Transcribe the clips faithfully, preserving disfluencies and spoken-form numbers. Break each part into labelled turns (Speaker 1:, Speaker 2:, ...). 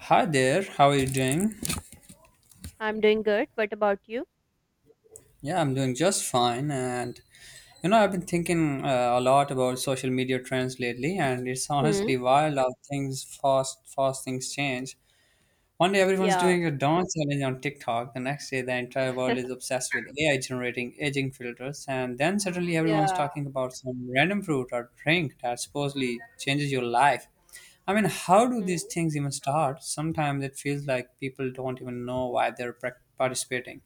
Speaker 1: Hi there, how are you doing?
Speaker 2: I'm doing good. What about you?
Speaker 1: Yeah, I'm doing just fine. And you know, I've been thinking uh, a lot about social media trends lately, and it's
Speaker 2: Hmm.
Speaker 1: honestly wild how things fast, fast things change. One day everyone's
Speaker 2: Yeah.
Speaker 1: doing a dance challenge on TikTok. The next day, the entire world is obsessed with A I generating aging filters. And then suddenly, everyone's
Speaker 2: Yeah.
Speaker 1: talking about some random fruit or drink that supposedly changes your life. I mean, how do these
Speaker 2: Hmm.
Speaker 1: things even start? Sometimes it feels like people don't even know why they're prac- participating.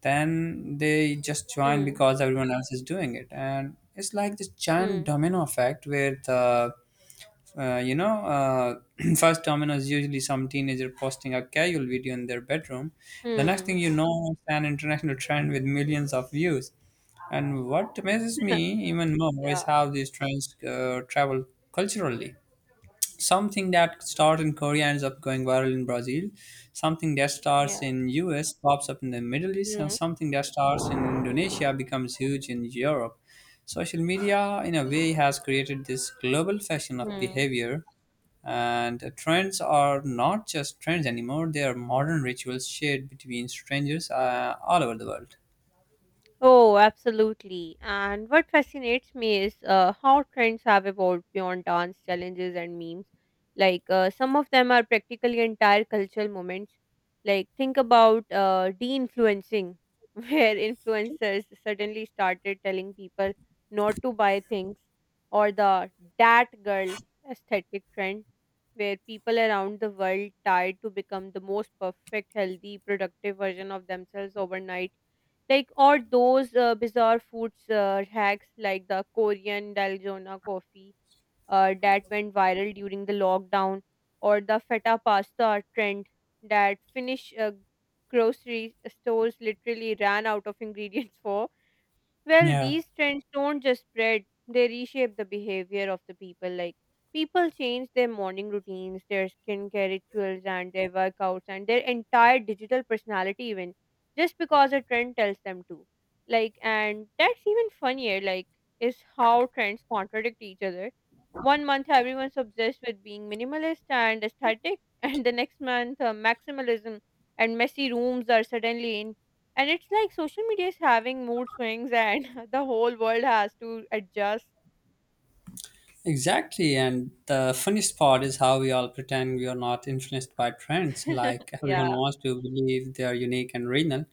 Speaker 1: Then they just join
Speaker 2: Hmm.
Speaker 1: because everyone else is doing it. And it's like this giant
Speaker 2: Hmm.
Speaker 1: domino effect where the uh, you know, uh, first Domino's usually some teenager posting a casual video in their bedroom. The next
Speaker 2: Hmm.
Speaker 1: thing you know, it's an international trend with millions of views. And what amazes me even more
Speaker 2: Yeah.
Speaker 1: is how these trends uh, travel culturally. Something that starts in Korea ends up going viral in Brazil, something that starts
Speaker 2: Yeah.
Speaker 1: in US pops up in the Middle East, and
Speaker 2: Hmm.
Speaker 1: something that starts in Indonesia
Speaker 2: Hmm.
Speaker 1: becomes huge in Europe. Social media, in a way, has created this global fashion of
Speaker 2: Hmm.
Speaker 1: behavior, and uh, trends are not just trends anymore. They are modern rituals shared between strangers uh, all over the world.
Speaker 2: Oh, absolutely. And what fascinates me is uh, how trends have evolved beyond dance challenges and memes. Like, uh, some of them are practically entire cultural moments. Like, think about uh, de influencing, where influencers suddenly started telling people not to buy things, or the dat girl aesthetic trend, where people around the world tried to become the most perfect, healthy, productive version of themselves overnight, like or those uh, bizarre foods uh, hacks like the Korean dalgona coffee uh, that went viral during the lockdown, or the feta pasta trend that Finnish uh, grocery stores literally ran out of ingredients for. Well,
Speaker 1: Yeah.
Speaker 2: these trends don't just spread, they reshape the behavior of the people. Like, people change their morning routines, their skincare rituals, and their workouts, and their entire digital personality, even just because a trend tells them to. Like, and that's even funnier, like, is how trends contradict each other. One month, everyone's obsessed with being minimalist and aesthetic, and the next month, uh, maximalism and messy rooms are suddenly in, and it's like social media is having mood swings, and the whole world has to adjust.
Speaker 1: Exactly, and the funniest part is how we all pretend we are not influenced by trends. Like everyone
Speaker 2: Yeah.
Speaker 1: wants to believe they are unique and original.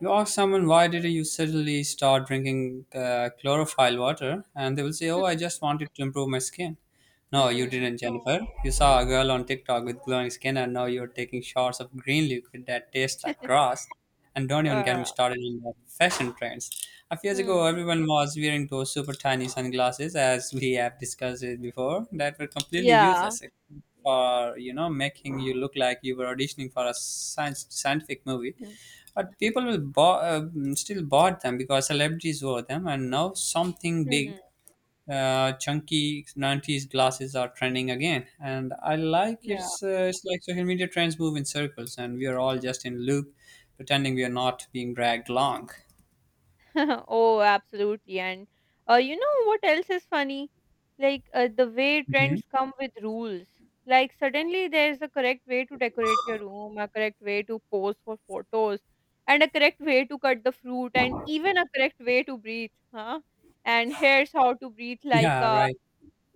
Speaker 1: You ask someone, why did you suddenly start drinking uh, chlorophyll water, and they will say, "Oh, I just wanted to improve my skin." No, you
Speaker 2: Hmm.
Speaker 1: didn't, Jennifer. You saw a girl on TikTok with glowing skin, and now you're taking shots of green liquid that tastes like grass. And don't even get me
Speaker 2: Uh,
Speaker 1: started on the fashion trends. A few years ago,
Speaker 2: hmm.
Speaker 1: everyone was wearing those super tiny sunglasses, as we have discussed it before, that were completely
Speaker 2: Yeah.
Speaker 1: useless except for you know making you look like you were auditioning for a science scientific movie.
Speaker 2: Hmm.
Speaker 1: But people will bo- uh, still bought them because celebrities wore them, and now something
Speaker 2: Hmm.
Speaker 1: big, uh, chunky nineties glasses are trending again. And i like
Speaker 2: Yeah.
Speaker 1: it's, uh, it's like social media trends move in circles and we are all just in loop, pretending we are not being dragged along.
Speaker 2: Oh, absolutely. And uh, you know what else is funny? Like, uh, the way
Speaker 1: Mhm.
Speaker 2: trends come with rules. Like, suddenly there's a correct way to decorate your room, a correct way to pose for photos, and a correct way to cut the fruit, and even a correct way to breathe. Huh? And here's how to breathe like
Speaker 1: Yeah,
Speaker 2: a
Speaker 1: right.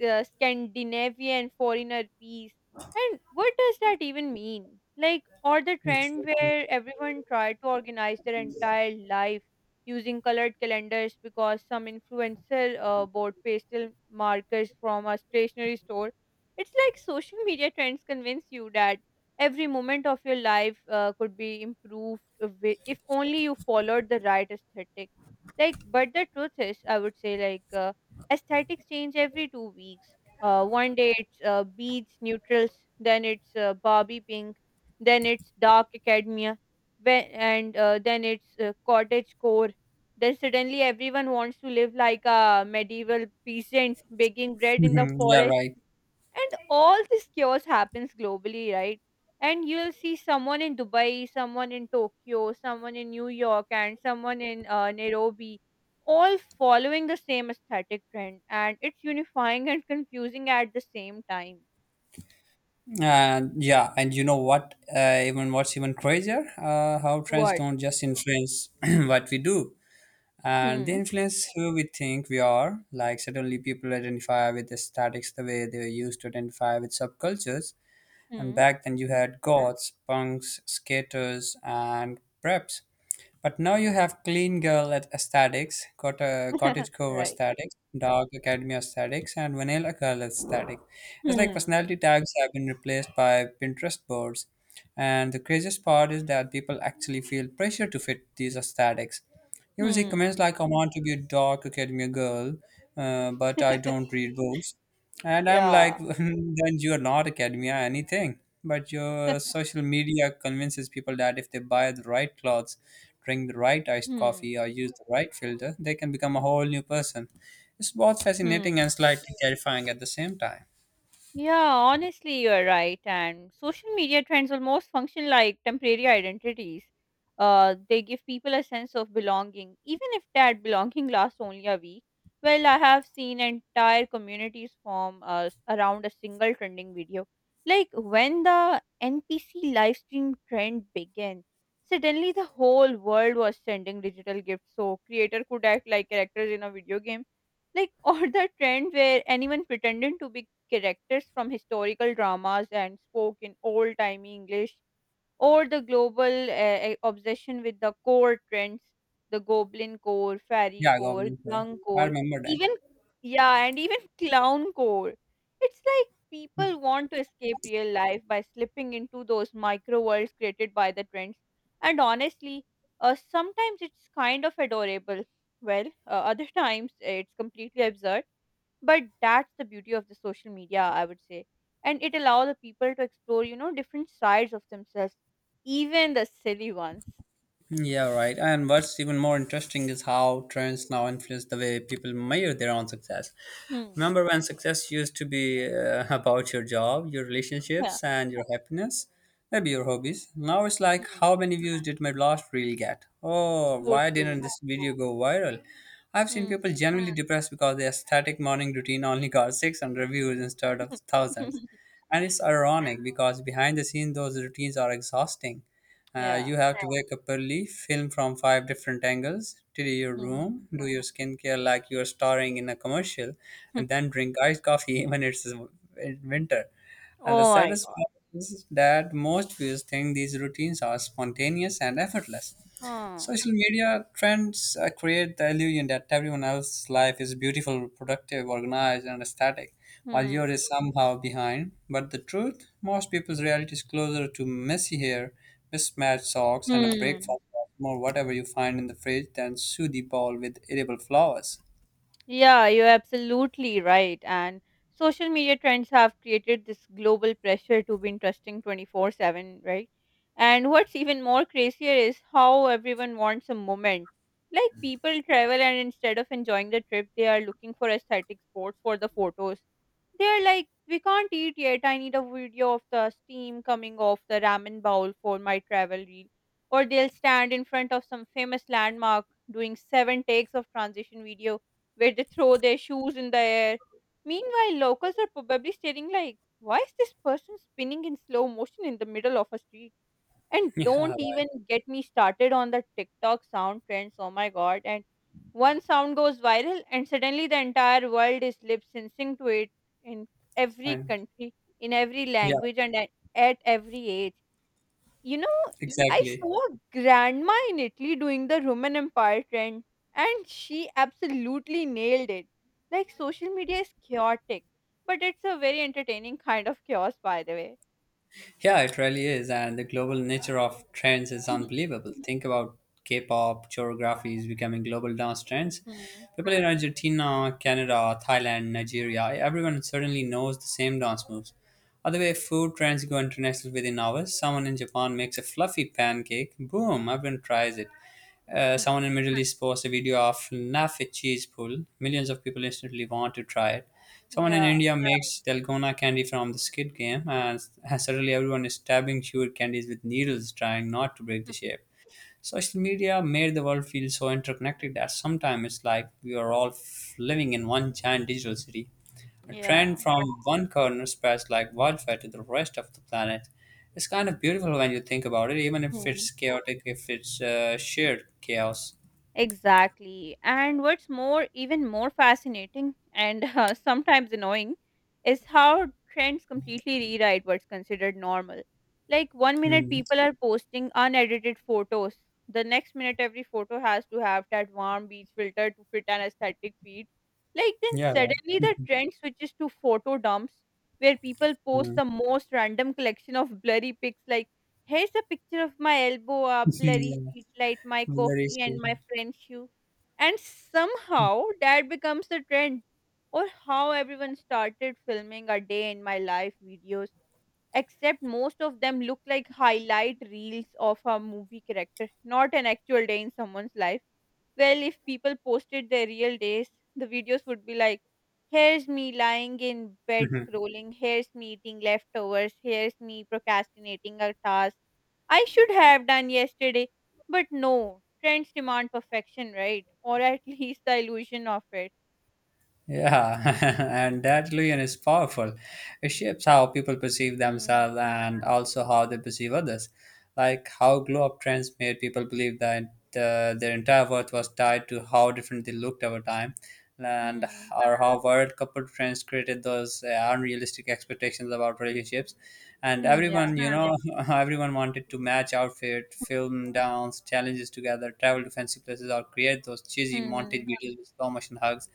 Speaker 2: uh, Scandinavian foreigner peace. And what does that even mean? Like, or the trend
Speaker 1: Exactly.
Speaker 2: where everyone tried to organize their entire life using colored calendars because some influencer uh, bought pastel markers from a stationery store. It's like social media trends convince you that every moment of your life uh, could be improved wi- if only you followed the right aesthetic. Like, but the truth is, I would say, like, uh, aesthetics change every two weeks. Uh, one day it's uh, beads, neutrals, then it's uh, Barbie pink, then it's dark academia, when, and uh, then it's uh, cottage core. Then suddenly everyone wants to live like a medieval peasant, baking bread in the
Speaker 1: Mhm. Yeah,
Speaker 2: forest,
Speaker 1: right.
Speaker 2: and all this chaos happens globally, right? And you'll see someone in Dubai, someone in Tokyo, someone in New York, and someone in uh, Nairobi, all following the same aesthetic trend, and it's unifying and confusing at the same time.
Speaker 1: And yeah, and you know what, uh, even what's even crazier uh, how trends
Speaker 2: What?
Speaker 1: don't just influence what we do, and they
Speaker 2: Hmm.
Speaker 1: influence who we think we are. Like suddenly people identify with aesthetics the way they were used to identify with subcultures. And
Speaker 2: Hmm.
Speaker 1: back then you had goths, punks, skaters, and preps. But now you have clean girl at aesthetics, got a cottagecore
Speaker 2: Right.
Speaker 1: aesthetics, dark academy aesthetics, and vanilla girl aesthetic. It's like
Speaker 2: Hmm.
Speaker 1: personality tags have been replaced by Pinterest boards. And the craziest part is that people actually feel pressure to fit these aesthetics. You will see
Speaker 2: Hmm.
Speaker 1: comments like, I want to be a dark academia girl, uh, but I don't read books. And I'm
Speaker 2: Yeah.
Speaker 1: like, then you're not academia anything. But your social media convinces people that if they buy the right clothes, drink the right iced coffee,
Speaker 2: Hmm.
Speaker 1: or use the right filter, they can become a whole new person. It's both fascinating
Speaker 2: Hmm.
Speaker 1: and slightly terrifying at the same time.
Speaker 2: Yeah, honestly, you're right. And social media trends almost function like temporary identities. Uh, they give people a sense of belonging, even if that belonging lasts only a week. Well, I have seen entire communities form uh, s- around a single trending video. Like when the N P C live stream trend began, suddenly the whole world was sending digital gifts, so creator could act like characters in a video game. Like, or the trend where anyone pretended to be characters from historical dramas and spoke in old timey English, or the global uh, obsession with the core trends, the goblin core, fairy
Speaker 1: Yeah,
Speaker 2: core,
Speaker 1: Goblin Sir.
Speaker 2: drunk
Speaker 1: I
Speaker 2: core,
Speaker 1: remember.
Speaker 2: even yeah, and even clown core. It's like people want to escape real life by slipping into those micro worlds created by the trends. And honestly, uh, sometimes it's kind of adorable. Well, uh, other times it's completely absurd, but that's the beauty of the social media, I would say, and it allows the people to explore, you know, different sides of themselves, even the silly ones.
Speaker 1: Yeah, right. And what's even more interesting is how trends now influence the way people measure their own success.
Speaker 2: Hmm.
Speaker 1: Remember when success used to be uh, about your job, your
Speaker 2: Yeah.
Speaker 1: relationships, and your happiness? Maybe your hobbies. Now it's like,
Speaker 2: Hmm,
Speaker 1: how many views did my last reel get? Oh,
Speaker 2: so
Speaker 1: why didn't
Speaker 2: true.
Speaker 1: this video go viral? I've seen people
Speaker 2: Hmm.
Speaker 1: genuinely depressed because their aesthetic morning routine only got six hundred views instead of thousands. And it's ironic because behind the scenes, those routines are exhausting. Uh,
Speaker 2: Yeah.
Speaker 1: you have to wake up early, film from five different angles, tidy your room,
Speaker 2: Hmm.
Speaker 1: do your skincare like you are starring in a commercial, and then drink iced coffee when it's in winter. And the
Speaker 2: Oh my
Speaker 1: saddest
Speaker 2: god.
Speaker 1: part is that most viewers think these routines are spontaneous and effortless.
Speaker 2: Hmm.
Speaker 1: Social media trends uh, create the illusion that everyone else's life is beautiful, productive, organized, and aesthetic, while
Speaker 2: Hmm.
Speaker 1: yours is somehow behind. But the truth, most people's reality is closer to messy hair, mismatched socks, and a breakfast
Speaker 2: Hmm.
Speaker 1: of more whatever you find in the fridge than sooty ball with edible flowers.
Speaker 2: Yeah, you're absolutely right. And social media trends have created this global pressure to be interesting twenty-four seven, right? And what's even more crazier is how everyone wants a moment. Like, people travel and instead of enjoying the trip, they are looking for aesthetic spots for the photos. They're like, we can't eat yet. I need a video of the steam coming off the ramen bowl for my travel reel. Or they'll stand in front of some famous landmark doing seven takes of transition video where they throw their shoes in the air. Meanwhile, locals are probably staring like, why is this person spinning in slow motion in the middle of a street? And
Speaker 1: Yeah,
Speaker 2: don't even get me started on the TikTok sound trends. Oh my god. And one sound goes viral, and suddenly the entire world is lip syncing to it in
Speaker 1: that's
Speaker 2: every
Speaker 1: fine.
Speaker 2: country, in every
Speaker 1: Yeah,
Speaker 2: language, and at, at every age. You know, I
Speaker 1: exactly.
Speaker 2: saw a grandma in Italy doing the Roman Empire trend, and she absolutely nailed it. Like, social media is chaotic, but it's a very entertaining kind of chaos, by the way.
Speaker 1: Yeah, it really is. And the global nature of trends is unbelievable. Think about K pop, choreographies becoming global dance trends.
Speaker 2: Hmm.
Speaker 1: People in Argentina, Canada, Thailand, Nigeria, everyone suddenly knows the same dance moves. Other way, food trends go international within hours. Someone in Japan makes a fluffy pancake. Boom, everyone tries it. Uh,
Speaker 2: Hmm.
Speaker 1: someone in Middle East posts a video of nafi cheese pull. Millions of people instantly want to try it. Someone in
Speaker 2: Yeah.
Speaker 1: India makes dalgona candy from the Squid Game, and s- suddenly everyone is stabbing chewed candies with needles, trying not to break the
Speaker 2: Hmm.
Speaker 1: shape. Social media made the world feel so interconnected that sometimes it's like we are all f- living in one giant digital city. A trend
Speaker 2: Yeah.
Speaker 1: from one corner spreads like wildfire to the rest of the planet. It's kind of beautiful when you think about it, even if
Speaker 2: Hmm.
Speaker 1: it's chaotic, if it's uh, shared chaos.
Speaker 2: Exactly. And what's more, even more fascinating and uh, sometimes annoying is how trends completely rewrite what's considered normal. Like, one minute
Speaker 1: Mhm.
Speaker 2: people are posting unedited photos. The next minute every photo has to have that warm beach filter to fit an aesthetic feed. Like, then
Speaker 1: Yeah,
Speaker 2: suddenly the trend switches to photo dumps where people
Speaker 1: yeah.
Speaker 2: post the most random collection of blurry pics like, here's a picture of my elbow, a
Speaker 1: Yeah.
Speaker 2: blurry
Speaker 1: Yeah.
Speaker 2: streetlight, my
Speaker 1: Very
Speaker 2: coffee, and
Speaker 1: special.
Speaker 2: my friend's shoe. And somehow that becomes the trend, or how everyone started filming a day in my life videos, except most of them look like highlight reels of a movie character, not an actual day in someone's life. Well, if people posted their real days, the videos would be like, here's me lying in bed scrolling, here's me eating leftovers, here's me procrastinating a task I should have done yesterday. But no, trends demand perfection, right? Or at least the illusion of it.
Speaker 1: Yeah, and that illusion is powerful. It shapes how people perceive
Speaker 2: Hmm.
Speaker 1: themselves and also how they perceive others. Like how glow up trends made people believe that uh, their entire worth was tied to how different they looked over time, and
Speaker 2: Hmm.
Speaker 1: or how world couple trends created those uh, unrealistic expectations about relationships. And
Speaker 2: Hmm. Yeah.
Speaker 1: everyone, you know, everyone wanted to match outfit, film downs, challenges together, travel to fancy places, or create those cheesy
Speaker 2: Hmm.
Speaker 1: montage videos with slow motion hugs,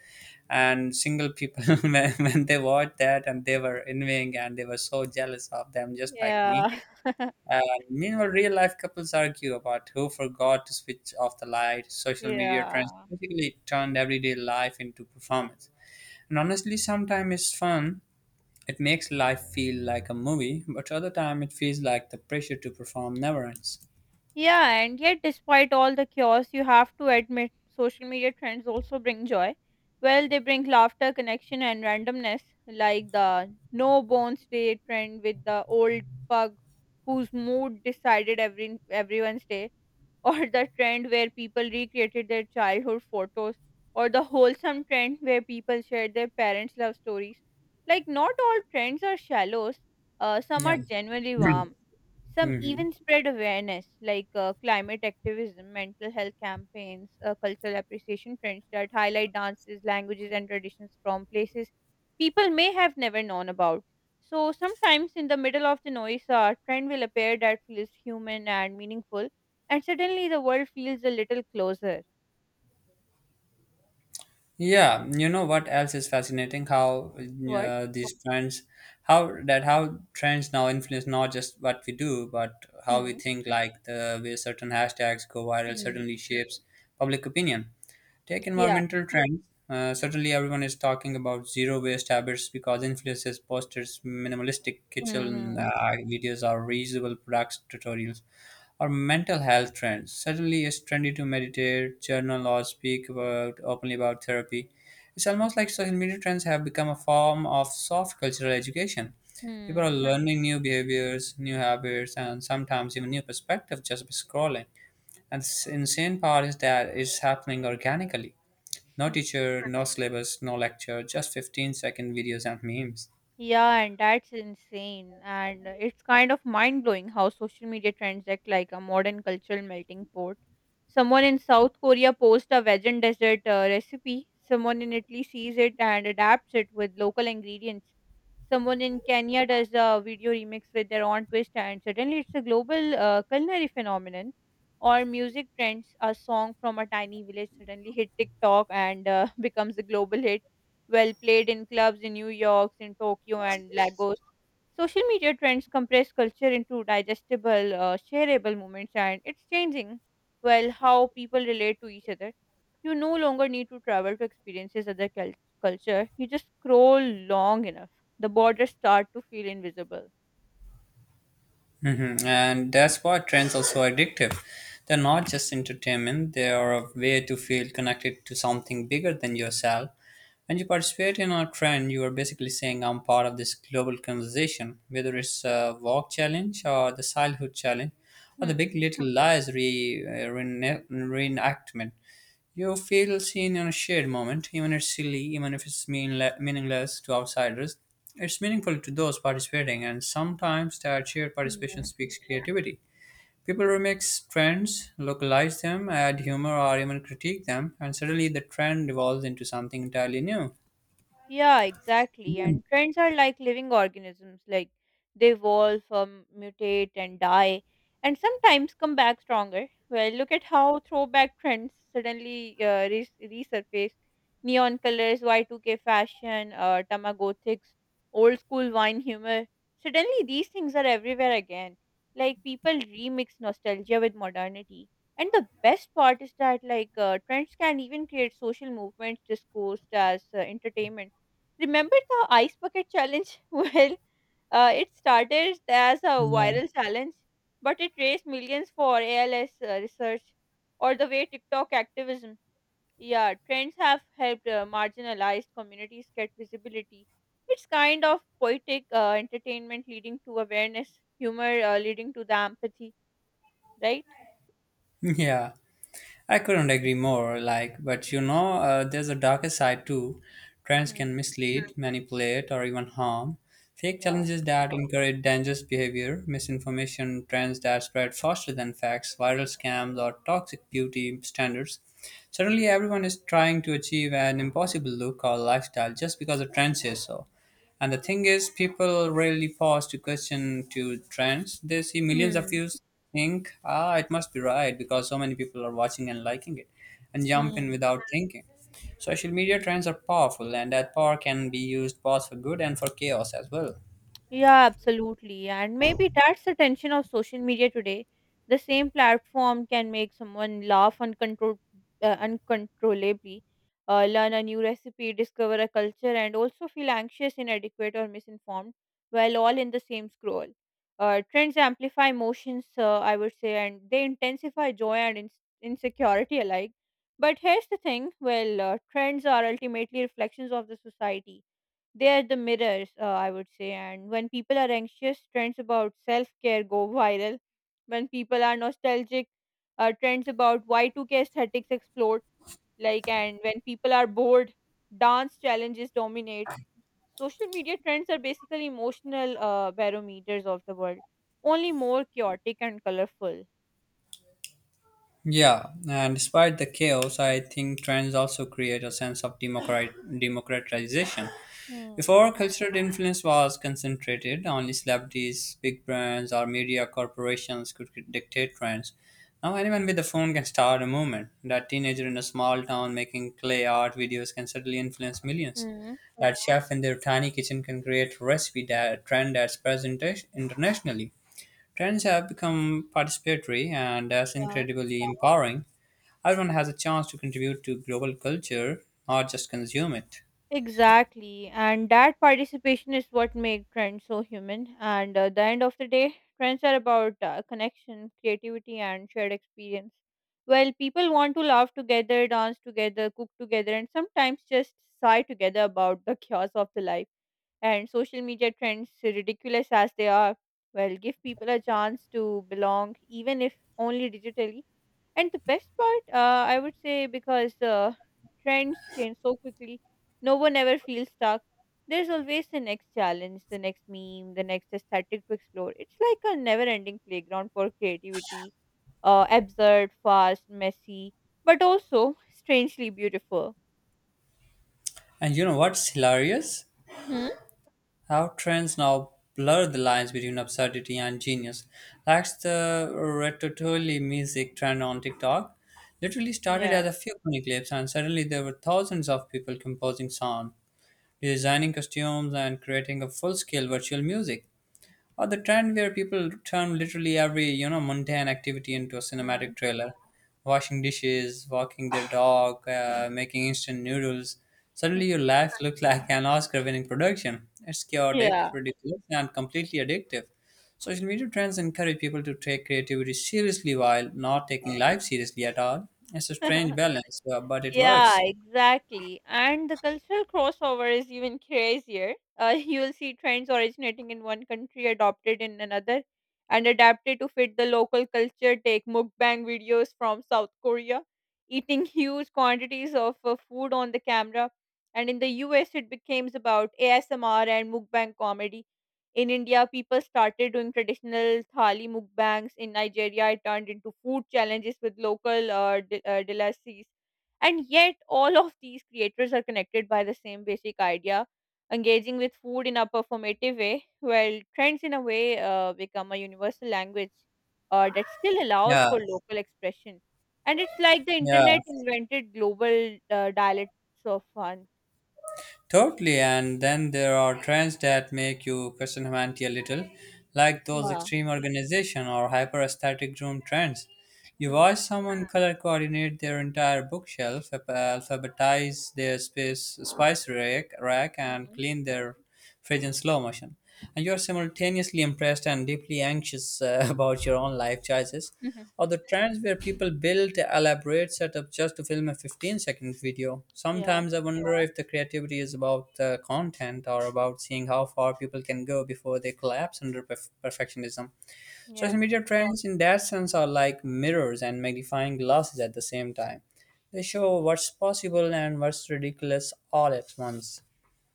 Speaker 1: and single people when, when they watched that and they were envying and they were so jealous of them just like me.
Speaker 2: Yeah.
Speaker 1: And meanwhile, real life couples argue about who forgot to switch off the light. Social media trends
Speaker 2: Yeah.
Speaker 1: basically turned everyday life into performance, and honestly sometimes it's fun. It makes life feel like a movie, but other time it feels like the pressure to perform never ends.
Speaker 2: Yeah, and yet, despite all the chaos, you have to admit social media trends also bring joy. Well, they bring laughter, connection, and randomness, like the no bones day trend with the old pug whose mood decided every everyone's day, or the trend where people recreated their childhood photos, or the wholesome trend where people shared their parents' love stories. Like, not all trends are shallows, uh, some
Speaker 1: Yeah.
Speaker 2: are genuinely warm. Some
Speaker 1: Mhm.
Speaker 2: even spread awareness, like uh, climate activism, mental health campaigns, uh, cultural appreciation trends that highlight dances, languages, and traditions from places people may have never known about. So sometimes in the middle of the noise, a trend will appear that feels human and meaningful, and suddenly the world feels a little closer.
Speaker 1: Yeah, you know what else is fascinating? How
Speaker 2: What?
Speaker 1: uh, these trends, how that how trends now influence not just what we do, but how we
Speaker 2: Hmm.
Speaker 1: think. Like the way certain hashtags go viral
Speaker 2: Mm.
Speaker 1: certainly shapes public opinion. Take
Speaker 2: Yeah.
Speaker 1: environmental trends. Uh, certainly, everyone is talking about zero waste habits because influencers posters minimalistic kitchen uh,
Speaker 2: Mm.
Speaker 1: videos or reusable products tutorials, or mental health trends. Suddenly, it's trendy to meditate, journal, or speak about openly about therapy. It's almost like social media trends have become a form of soft cultural education. People are
Speaker 2: Mm.
Speaker 1: learning new behaviors, new habits, and sometimes even new perspectives just by scrolling. And the insane part is that it's happening organically. No teacher, no syllabus, no lecture, just fifteen second videos and memes.
Speaker 2: Yeah, and that's insane. And uh, it's kind of mind blowing how social media trends act like a modern cultural melting pot. Someone in South Korea posts a vegan dessert uh, recipe, someone in Italy sees it and adapts it with local ingredients. Someone in Kenya does a video remix with their own twist, and suddenly it's a global uh, culinary phenomenon. Or music trends, a song from a tiny village suddenly hit TikTok and uh, becomes a global hit, well played in clubs in New York, in Tokyo, and Lagos. Social media trends compress culture into digestible, uh, shareable moments, and it's changing, well, how people relate to each other. You no longer need to travel to experiences other cul- culture. You just scroll long enough. The borders start to feel invisible.
Speaker 1: hmm And that's why trends are so addictive. They're not just entertainment, they are a way to feel connected to something bigger than yourself. When you participate in a trend, you are basically saying, I'm part of this global conversation, whether it's a walk challenge or the childhood challenge or the big
Speaker 2: Hmm.
Speaker 1: little lies re- uh, rene- reenactment. You feel seen in a shared moment, even if it's silly, even if it's meanle- meaningless to outsiders. It's meaningful to those participating, and sometimes that shared participation
Speaker 2: Hmm.
Speaker 1: speaks creativity. People remix trends, localize them, add humor, or even critique them, and suddenly the trend evolves into something entirely new.
Speaker 2: Yeah, exactly.
Speaker 1: Mm.
Speaker 2: And trends are like living organisms, like they evolve, um, mutate, and die, and sometimes come back stronger. Well, look at how throwback trends suddenly uh, res- resurface. Neon colors, Y two K fashion, uh, Tamagothics, old school wine humor. Suddenly, these things are everywhere again. Like, people remix nostalgia with modernity. And the best part is that, like, uh, trends can even create social movements discussed as uh, entertainment. Remember the ice bucket challenge? Well, uh, it started as a
Speaker 1: Yeah.
Speaker 2: viral challenge, but it raised millions for A L S uh, research, or the way TikTok activism. Yeah, trends have helped uh, marginalized communities get visibility. It's kind of poetic, uh, entertainment leading to awareness, humor uh, leading to the empathy, right?
Speaker 1: Yeah. I couldn't agree more. Like, but you know, uh, there's a darker side too. Trends can
Speaker 2: Hmm.
Speaker 1: mislead, manipulate, or even harm. Fake
Speaker 2: Yeah.
Speaker 1: challenges that encourage dangerous behavior, misinformation, trends that spread faster than facts, viral scams, or toxic beauty standards. Suddenly, everyone is trying to achieve an impossible look or lifestyle just because the trend says so. And the thing is, people rarely pause to question to trends. They see millions of views, think, ah, it must be right because so many people are watching and liking it, and jump in
Speaker 2: Hmm.
Speaker 1: without thinking. Social media trends are powerful, and that power can be used both for good and for chaos as well.
Speaker 2: Yeah, absolutely. And maybe that's the tension of social media today. The same platform can make someone laugh uncontrol- uh, uncontrollably, uh, learn a new recipe, discover a culture, and also feel anxious, inadequate, or misinformed while all in the same scroll. Uh, trends amplify emotions, uh, I would say, and they intensify joy and ins insecurity alike. But here's the thing, well, uh, trends are ultimately reflections of the society, they are the mirrors, uh, I would say. And when people are anxious, trends about self care go viral. When people are nostalgic, uh, trends about Y two K aesthetics explode. Like, and when people are bored, dance challenges dominate. Social media trends are basically emotional uh, barometers of the world, only more chaotic and colorful.
Speaker 1: Yeah, and despite the chaos, I think trends also create a sense of democrat- democratization.
Speaker 2: Hmm.
Speaker 1: Before, cultural influence was concentrated. Only celebrities, big brands, or media corporations could dictate trends. Now, anyone with a phone can start a movement. That teenager in a small town making clay art videos can certainly influence millions.
Speaker 2: Hmm.
Speaker 1: That chef in their tiny kitchen can create recipe that trend that's present internationally. Trends have become participatory, and that's incredibly empowering. Everyone has a chance to contribute to global culture, not just consume it.
Speaker 2: Exactly, and that participation is what makes trends so human. And uh, the end of the day, trends are about uh, connection, creativity, and shared experience. Well, people want to laugh together, dance together, cook together, and sometimes just sigh together about the chaos of the life, and social media trends, ridiculous as they are, well, give people a chance to belong, even if only digitally. And the best part, uh, I would say, because uh, trends change so quickly, no one ever feels stuck. There's always the next challenge, the next meme, the next aesthetic to explore. It's like a never ending playground for creativity, uh, absurd, fast, messy, but also strangely beautiful.
Speaker 1: And you know what's hilarious?
Speaker 2: Hmm?
Speaker 1: How trends now blur the lines between absurdity and genius. That's the Ratatouille music trend on TikTok. Literally started
Speaker 2: Yeah.
Speaker 1: as a few funny clips, and suddenly there were thousands of people composing sound, designing costumes, and creating a full scale virtual music, or the trend where people turn literally every you know mundane activity into a
Speaker 2: Mm.
Speaker 1: cinematic trailer. Washing dishes, walking their dog, uh, making instant noodles. Suddenly your life looks like an Oscar winning production. It's chaotic,
Speaker 2: Yeah.
Speaker 1: ridiculous, and completely addictive. Social media trends encourage people to take creativity seriously while not taking life seriously at all. It's a strange balance, uh, but it
Speaker 2: Yeah,
Speaker 1: works.
Speaker 2: exactly. And the cultural crossover is even crazier. Uh, you will see trends originating in one country, adopted in another, and adapted to fit the local culture. Take mukbang videos from South Korea, eating huge quantities of uh, food on the camera. And in the U S, it becomes about A S M R and mukbang comedy. In India, people started doing traditional thali mukbangs. In Nigeria, it turned into food challenges with local uh, d- uh, delicacies, and yet, all of these creators are connected by the same basic idea: engaging with food in a performative way, while trends, in a way, uh, become a universal language uh, that still allows
Speaker 1: Yeah,
Speaker 2: for local expression. And it's like the
Speaker 1: yeah.
Speaker 2: internet invented global uh, dialects of fun.
Speaker 1: Totally, and then there are trends that make you question humanity a little, like those
Speaker 2: Yeah.
Speaker 1: extreme organization or hyper aesthetic room trends. You
Speaker 2: Hmm.
Speaker 1: watch someone color coordinate their entire bookshelf, alphabetize their space, spice rack, rack, and
Speaker 2: Mhm.
Speaker 1: clean their fridge in slow motion. And you're simultaneously impressed and deeply anxious, uh, about your own life choices,
Speaker 2: Mhm.
Speaker 1: or the trends where people build elaborate setups just to film a fifteen second video.
Speaker 2: Yeah.
Speaker 1: Sometimes I wonder if the creativity is about the content or about seeing how far people can go before they collapse under perf- perfectionism.
Speaker 2: Yeah.
Speaker 1: Social media trends, in that sense, are like mirrors and magnifying glasses at the same time. They show what's possible and what's ridiculous all at once.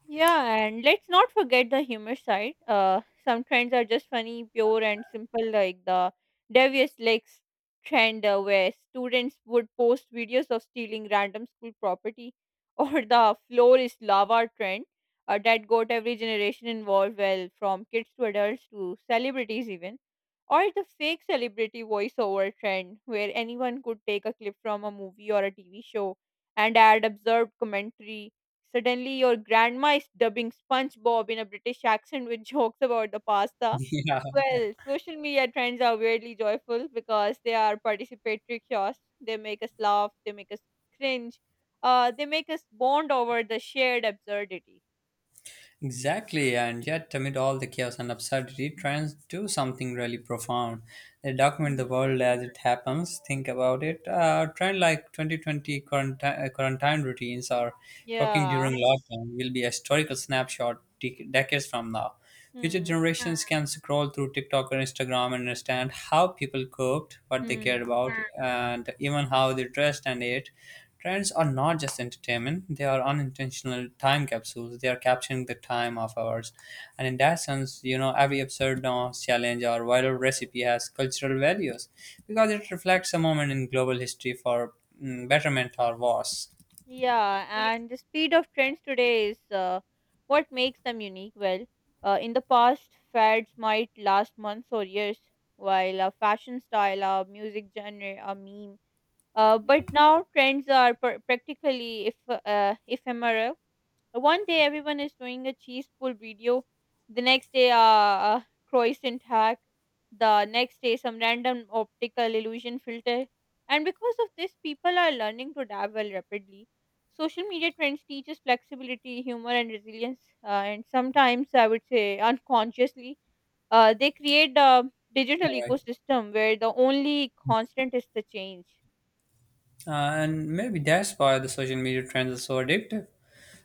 Speaker 2: Yeah, and let's not forget the humor side. Uh, some trends are just funny, pure, and simple, like the devious legs trend, uh, where students would post videos of stealing random school property, or the floor is lava trend uh, that got every generation involved, well, from kids to adults to celebrities, even. Or the fake celebrity voiceover trend, where anyone could take a clip from a movie or a T V show and add absurd commentary. Suddenly, your grandma is dubbing SpongeBob in a British accent with jokes about the pasta.
Speaker 1: Yeah.
Speaker 2: Well, social media trends are weirdly joyful because they are participatory kiosks. They make us laugh, they make us cringe, uh, they make us bond over the shared absurdity.
Speaker 1: Exactly, and yet amid all the chaos and absurdity, trends do something really profound. They document the
Speaker 2: Mhm.
Speaker 1: world as it happens. Think about it. A trend like twenty twenty quarantine, uh, quarantine routines or cooking
Speaker 2: Yeah.
Speaker 1: during lockdown will be a historical snapshot dec decades from now. Future
Speaker 2: Hmm.
Speaker 1: generations can scroll through TikTok or Instagram and understand how people cooked, what they cared
Speaker 2: Hmm.
Speaker 1: about, and even how they dressed and ate. Trends are not just entertainment, they are unintentional time capsules. They are capturing the time of ours. And in that sense, you know, every absurd dance, challenge, or viral recipe has cultural values because it reflects a moment in global history for, mm, betterment or worse.
Speaker 2: Yeah, and the speed of trends today is uh, what makes them unique. Well, uh, in the past, fads might last months or years, while a fashion style, a music genre, a meme. Uh, but now trends are pr- practically if uh, ephemeral. Uh, One day everyone is doing a cheese pull video, the next day uh, a croissant hack, the next day some random optical illusion filter, and because of this, people are learning to dabble rapidly. Social media trends teaches flexibility, humor, and resilience, uh, and sometimes I would say unconsciously, uh, they create a digital
Speaker 1: Right.
Speaker 2: ecosystem where the only constant is the change.
Speaker 1: Uh, and maybe that's why the social media trends are so addictive.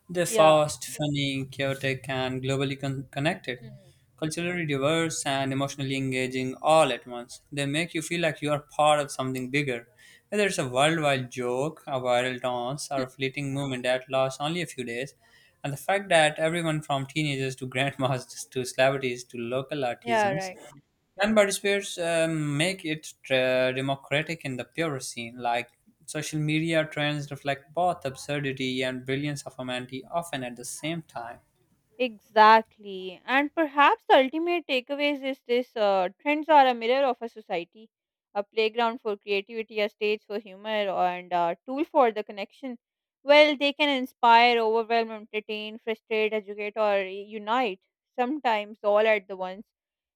Speaker 1: They're
Speaker 2: Yeah.
Speaker 1: fast, funny, chaotic, and globally con- connected,
Speaker 2: Mm.
Speaker 1: culturally diverse, and emotionally engaging all at once. They make you feel like you are part of something bigger, whether it's a worldwide joke, a viral dance, or
Speaker 2: Hmm.
Speaker 1: a fleeting moment that lasts only a few days. And the fact that everyone from teenagers to grandmas to celebrities to local
Speaker 2: Yeah.
Speaker 1: artisans
Speaker 2: Right.
Speaker 1: can participators, um, make it uh, democratic in the purest scene? Like, social media trends reflect both absurdity and brilliance of humanity, often at the same time.
Speaker 2: Exactly. And perhaps the ultimate takeaways is this: uh, trends are a mirror of a society, a playground for creativity, a stage for humor, and a tool for the connection. Well, they can inspire, overwhelm, entertain, frustrate, educate, or unite, sometimes all at the once.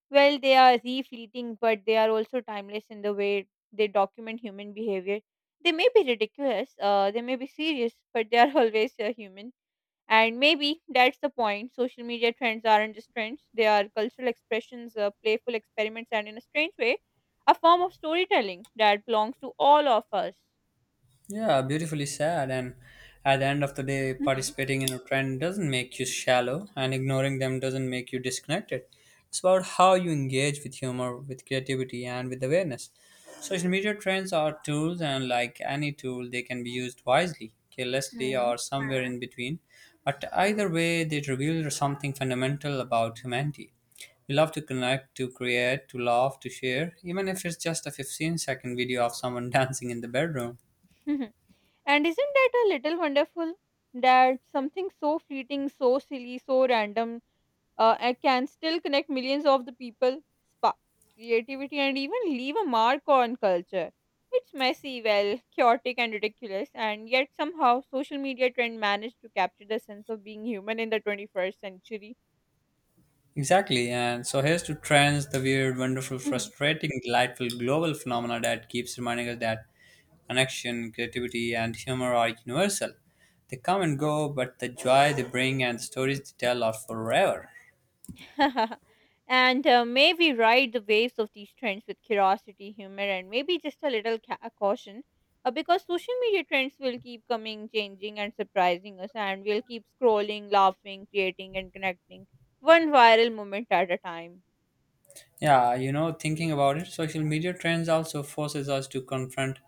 Speaker 2: Well, they are re-fleeting, but they are also timeless in the way they document human behavior. They may be ridiculous, uh, they may be serious, but they are always uh, human, and maybe that's the point. Social media trends aren't just trends, they are cultural expressions, uh, playful experiments, and in a strange way, a form of storytelling that belongs to all of us.
Speaker 1: Yeah, beautifully sad. And at the end of the day,
Speaker 2: Mhm.
Speaker 1: participating in a trend doesn't make you shallow, and ignoring them doesn't make you disconnected. It's about how you engage with humor, with creativity, and with awareness. Social media trends are tools, and like any tool, they can be used wisely,
Speaker 2: Mhm.
Speaker 1: carelessly,
Speaker 2: Mhm.
Speaker 1: or somewhere in between. But either way, they reveal something fundamental about humanity. We love to connect, to create, to laugh, to share, even if it's just a fifteen second video of someone dancing in the bedroom.
Speaker 2: And isn't that a little wonderful that something so fleeting, so silly, so random uh, and can still connect millions of the people, spark creativity, and even leave a mark on culture. It's messy, well, chaotic, and ridiculous, and yet somehow social media trend managed to capture the sense of being human in the twenty-first century.
Speaker 1: Exactly, and so here's to trends, the weird, wonderful, frustrating, delightful global phenomena that keeps reminding us that connection, creativity, and humor are universal. They come and go, but the joy they bring and the stories they tell are forever.
Speaker 2: And uh, may we ride the waves of these trends with curiosity, humor, and maybe just a little ca- caution. Uh, because social media trends will keep coming, changing, and surprising us, and we'll keep scrolling, laughing, creating, and connecting one viral moment at a time.
Speaker 1: Yeah, you know, thinking about it, social media trends also forces us to confront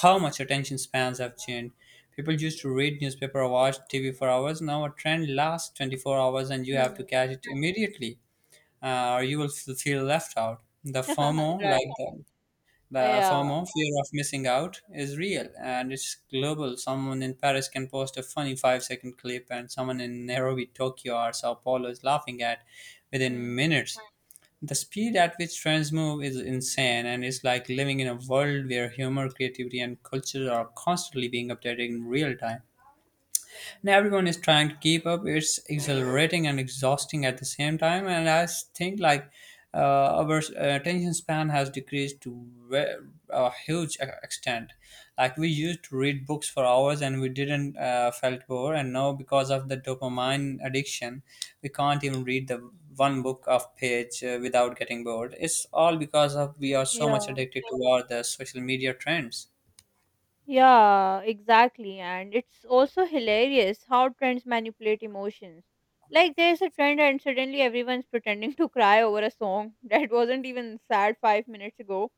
Speaker 1: how much attention spans have changed. People used to read newspaper or watch T V for hours. Now a trend lasts twenty-four hours and you have to
Speaker 2: Hmm.
Speaker 1: catch it immediately. Uh, or you will f- feel left out. The FOMO, like
Speaker 2: Right.
Speaker 1: the, the
Speaker 2: Yeah.
Speaker 1: FOMO, fear of missing out, is real and it's global. Someone in Paris can post a funny five second clip, and someone in Nairobi, Tokyo, or Sao Paulo is laughing at within
Speaker 2: Hmm.
Speaker 1: minutes. The speed at which trends move is insane, and it's like living in a world where humor, creativity, and culture are constantly being updated in real time, and everyone is trying to keep up. It's exhilarating and exhausting at the same time. And i s- think like, uh, our uh, attention span has decreased to, ve- a huge e- extent. Like, we used to read books for hours and we didn't, uh, felt bored, and now, because of the dopamine addiction, we can't even read the one book of page, uh, without getting bored. It's all because of we are so much
Speaker 2: Yeah.
Speaker 1: addicted to all the social media trends.
Speaker 2: Yeah, exactly. And it's also hilarious how trends manipulate emotions. Like, there's a trend, and suddenly everyone's pretending to cry over a song that wasn't even sad five minutes ago.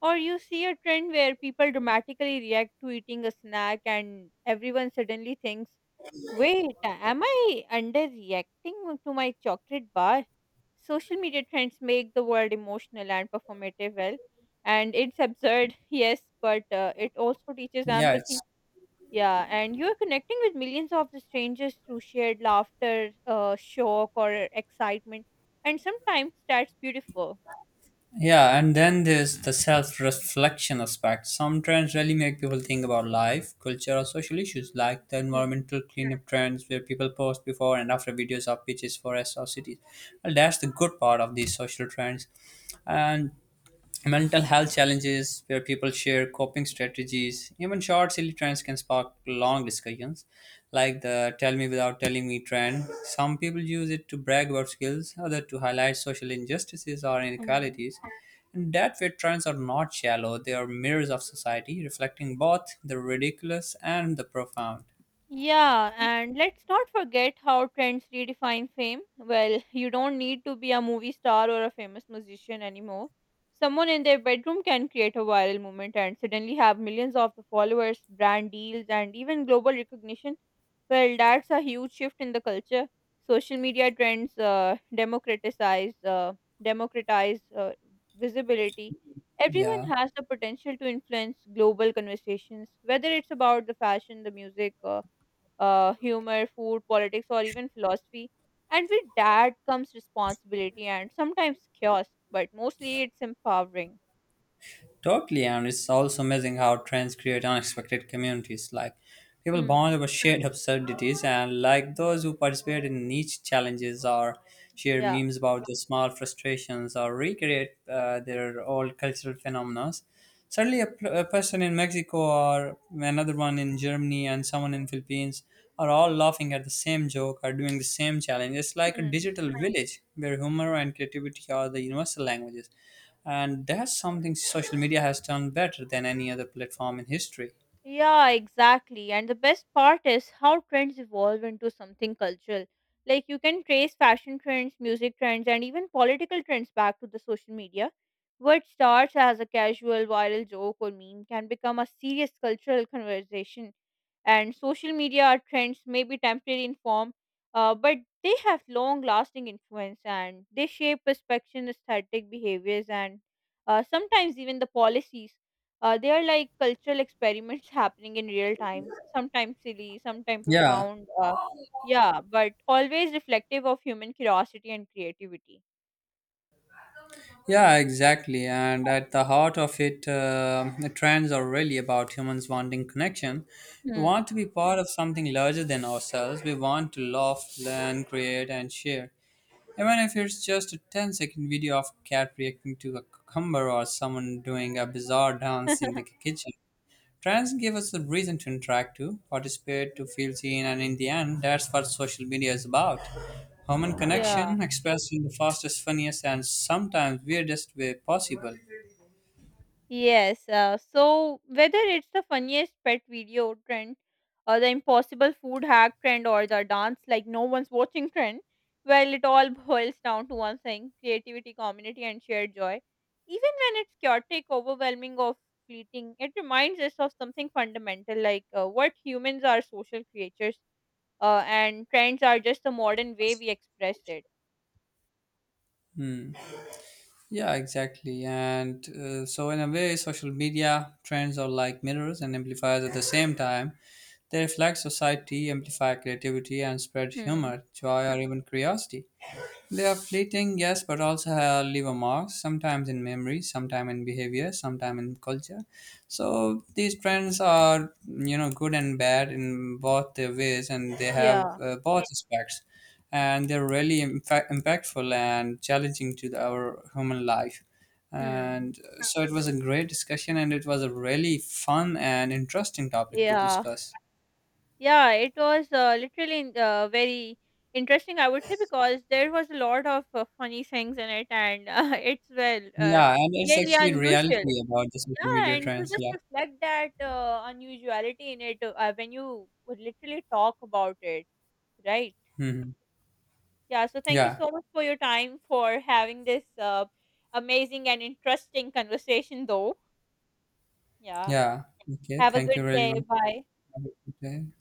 Speaker 2: Or you see a trend where people dramatically react to eating a snack, and everyone suddenly thinks, wait, am I underreacting to my chocolate bar? Social media trends make the world emotional and performative, well, and it's absurd, yes, but uh, it also teaches
Speaker 1: Yeah, it's...
Speaker 2: empathy. Yeah, and you're connecting with millions of the strangers through shared laughter, uh, shock, or excitement, and sometimes that's beautiful.
Speaker 1: Yeah, and then there's the self reflection aspect. Some trends really make people think about life, culture, or social issues, like the environmental cleanup trends where people post before and after videos of beaches, forests, or cities. Well, that's the good part of these social trends. And mental health challenges where people share coping strategies, even short silly trends can spark long discussions. Like the tell me without telling me trend, some people use it to brag about skills, others to highlight social injustices or
Speaker 2: Hmm.
Speaker 1: inequalities. And that way, trends are not shallow, they are mirrors of society, reflecting both the ridiculous and the profound.
Speaker 2: Yeah, and let's not forget how trends redefine fame. Well, you don't need to be a movie star or a famous musician anymore. Someone in their bedroom can create a viral movement and suddenly have millions of the followers, brand deals, and even global recognition. Well, that's a huge shift in the culture. Social media trends uh, democratize uh, democratize uh, visibility. Everyone
Speaker 1: Yeah.
Speaker 2: has the potential to influence global conversations, whether it's about the fashion, the music. Uh, uh, humor, food, politics, or even philosophy. And with that comes responsibility and sometimes chaos, but mostly it's empowering.
Speaker 1: Totally, and it's also amazing how trends create unexpected communities. Like, people
Speaker 2: Hmm.
Speaker 1: bond over shared absurdities, and like those who participate in niche challenges or share
Speaker 2: Yeah.
Speaker 1: memes about their small frustrations or recreate, uh, their old cultural phenomena.
Speaker 2: Hmm.
Speaker 1: Suddenly, a, pl- a person in Mexico or another one in Germany and someone in Philippines are all laughing at the same joke or doing the same challenge. It's like a
Speaker 2: Hmm.
Speaker 1: digital village where humor and creativity are the universal languages. And that's something social media has done better than any other platform in history.
Speaker 2: Yeah, exactly. And the best part is how trends evolve into something cultural. Like you can trace fashion trends, music trends, and even political trends back to the social media. What starts as a casual viral joke or meme can become a serious cultural conversation. And social media trends may be temporary in form, uh, but they have long lasting influence, and they shape perception, aesthetic behaviors, and uh, sometimes even the policies. Uh, they are like cultural experiments happening in real time, sometimes silly, sometimes
Speaker 1: Yeah,
Speaker 2: profound. Uh, yeah, but always reflective of human curiosity and creativity.
Speaker 1: yeah, exactly. And at the heart of it, uh, the trends are really about humans wanting connection. We
Speaker 2: Hmm.
Speaker 1: want to be part of something larger than ourselves. We want to laugh, learn, create, and share, even if it's just a ten-second video of a cat reacting to a cucumber or someone doing a bizarre dance in the kitchen. Trends give us a reason to interact, to participate, to feel seen, and in the end, that's what social media is about. Human
Speaker 2: Yeah.
Speaker 1: connection expressed in the fastest, funniest, and sometimes weirdest way possible.
Speaker 2: Yes. Uh, so whether it's the funniest pet video trend, or the impossible food hack trend, or the dance like no one's watching trend, well, it all boils down to one thing: creativity, community, and shared joy. Even when it's chaotic, overwhelming, or fleeting, it reminds us of something fundamental, like uh, what humans are social creatures, uh, and trends are just the modern way we express it.
Speaker 1: Hmm. Yeah, exactly. And uh, so, in a way, social media trends are like mirrors and amplifiers at the same time. They reflect society, amplify creativity, and spread
Speaker 2: Hmm.
Speaker 1: humor, joy, or even curiosity. They are fleeting, yes, but also, uh, leave a mark, sometimes in memory, sometimes in behavior, sometimes in culture. So these trends are, you know, good and bad in both their ways, and they have,
Speaker 2: Yeah.
Speaker 1: uh, both aspects. And they're really impact- impactful and challenging to the, our human life.
Speaker 2: Hmm.
Speaker 1: And uh, so it was a great discussion, and it was a really fun and interesting topic to
Speaker 2: Yeah.
Speaker 1: discuss.
Speaker 2: Yeah, it was uh, literally in- uh, very interesting, I would say, because there was a lot of uh, funny things in it, and uh, it's well uh,
Speaker 1: Yeah, and it's
Speaker 2: really
Speaker 1: actually
Speaker 2: unusual.
Speaker 1: reality about the social
Speaker 2: Yeah,
Speaker 1: media
Speaker 2: and you
Speaker 1: trends.
Speaker 2: just
Speaker 1: Yeah.
Speaker 2: reflect that uh, unusuality in it uh, when you would literally talk about it, right?
Speaker 1: Hmm.
Speaker 2: Yeah. So thank you
Speaker 1: Yeah.
Speaker 2: so much for your time for having this uh, amazing and interesting conversation, though. Yeah.
Speaker 1: Yeah. Okay.
Speaker 2: Have a
Speaker 1: Thank you
Speaker 2: good
Speaker 1: very
Speaker 2: day.
Speaker 1: much.
Speaker 2: Bye.
Speaker 1: Have a good day.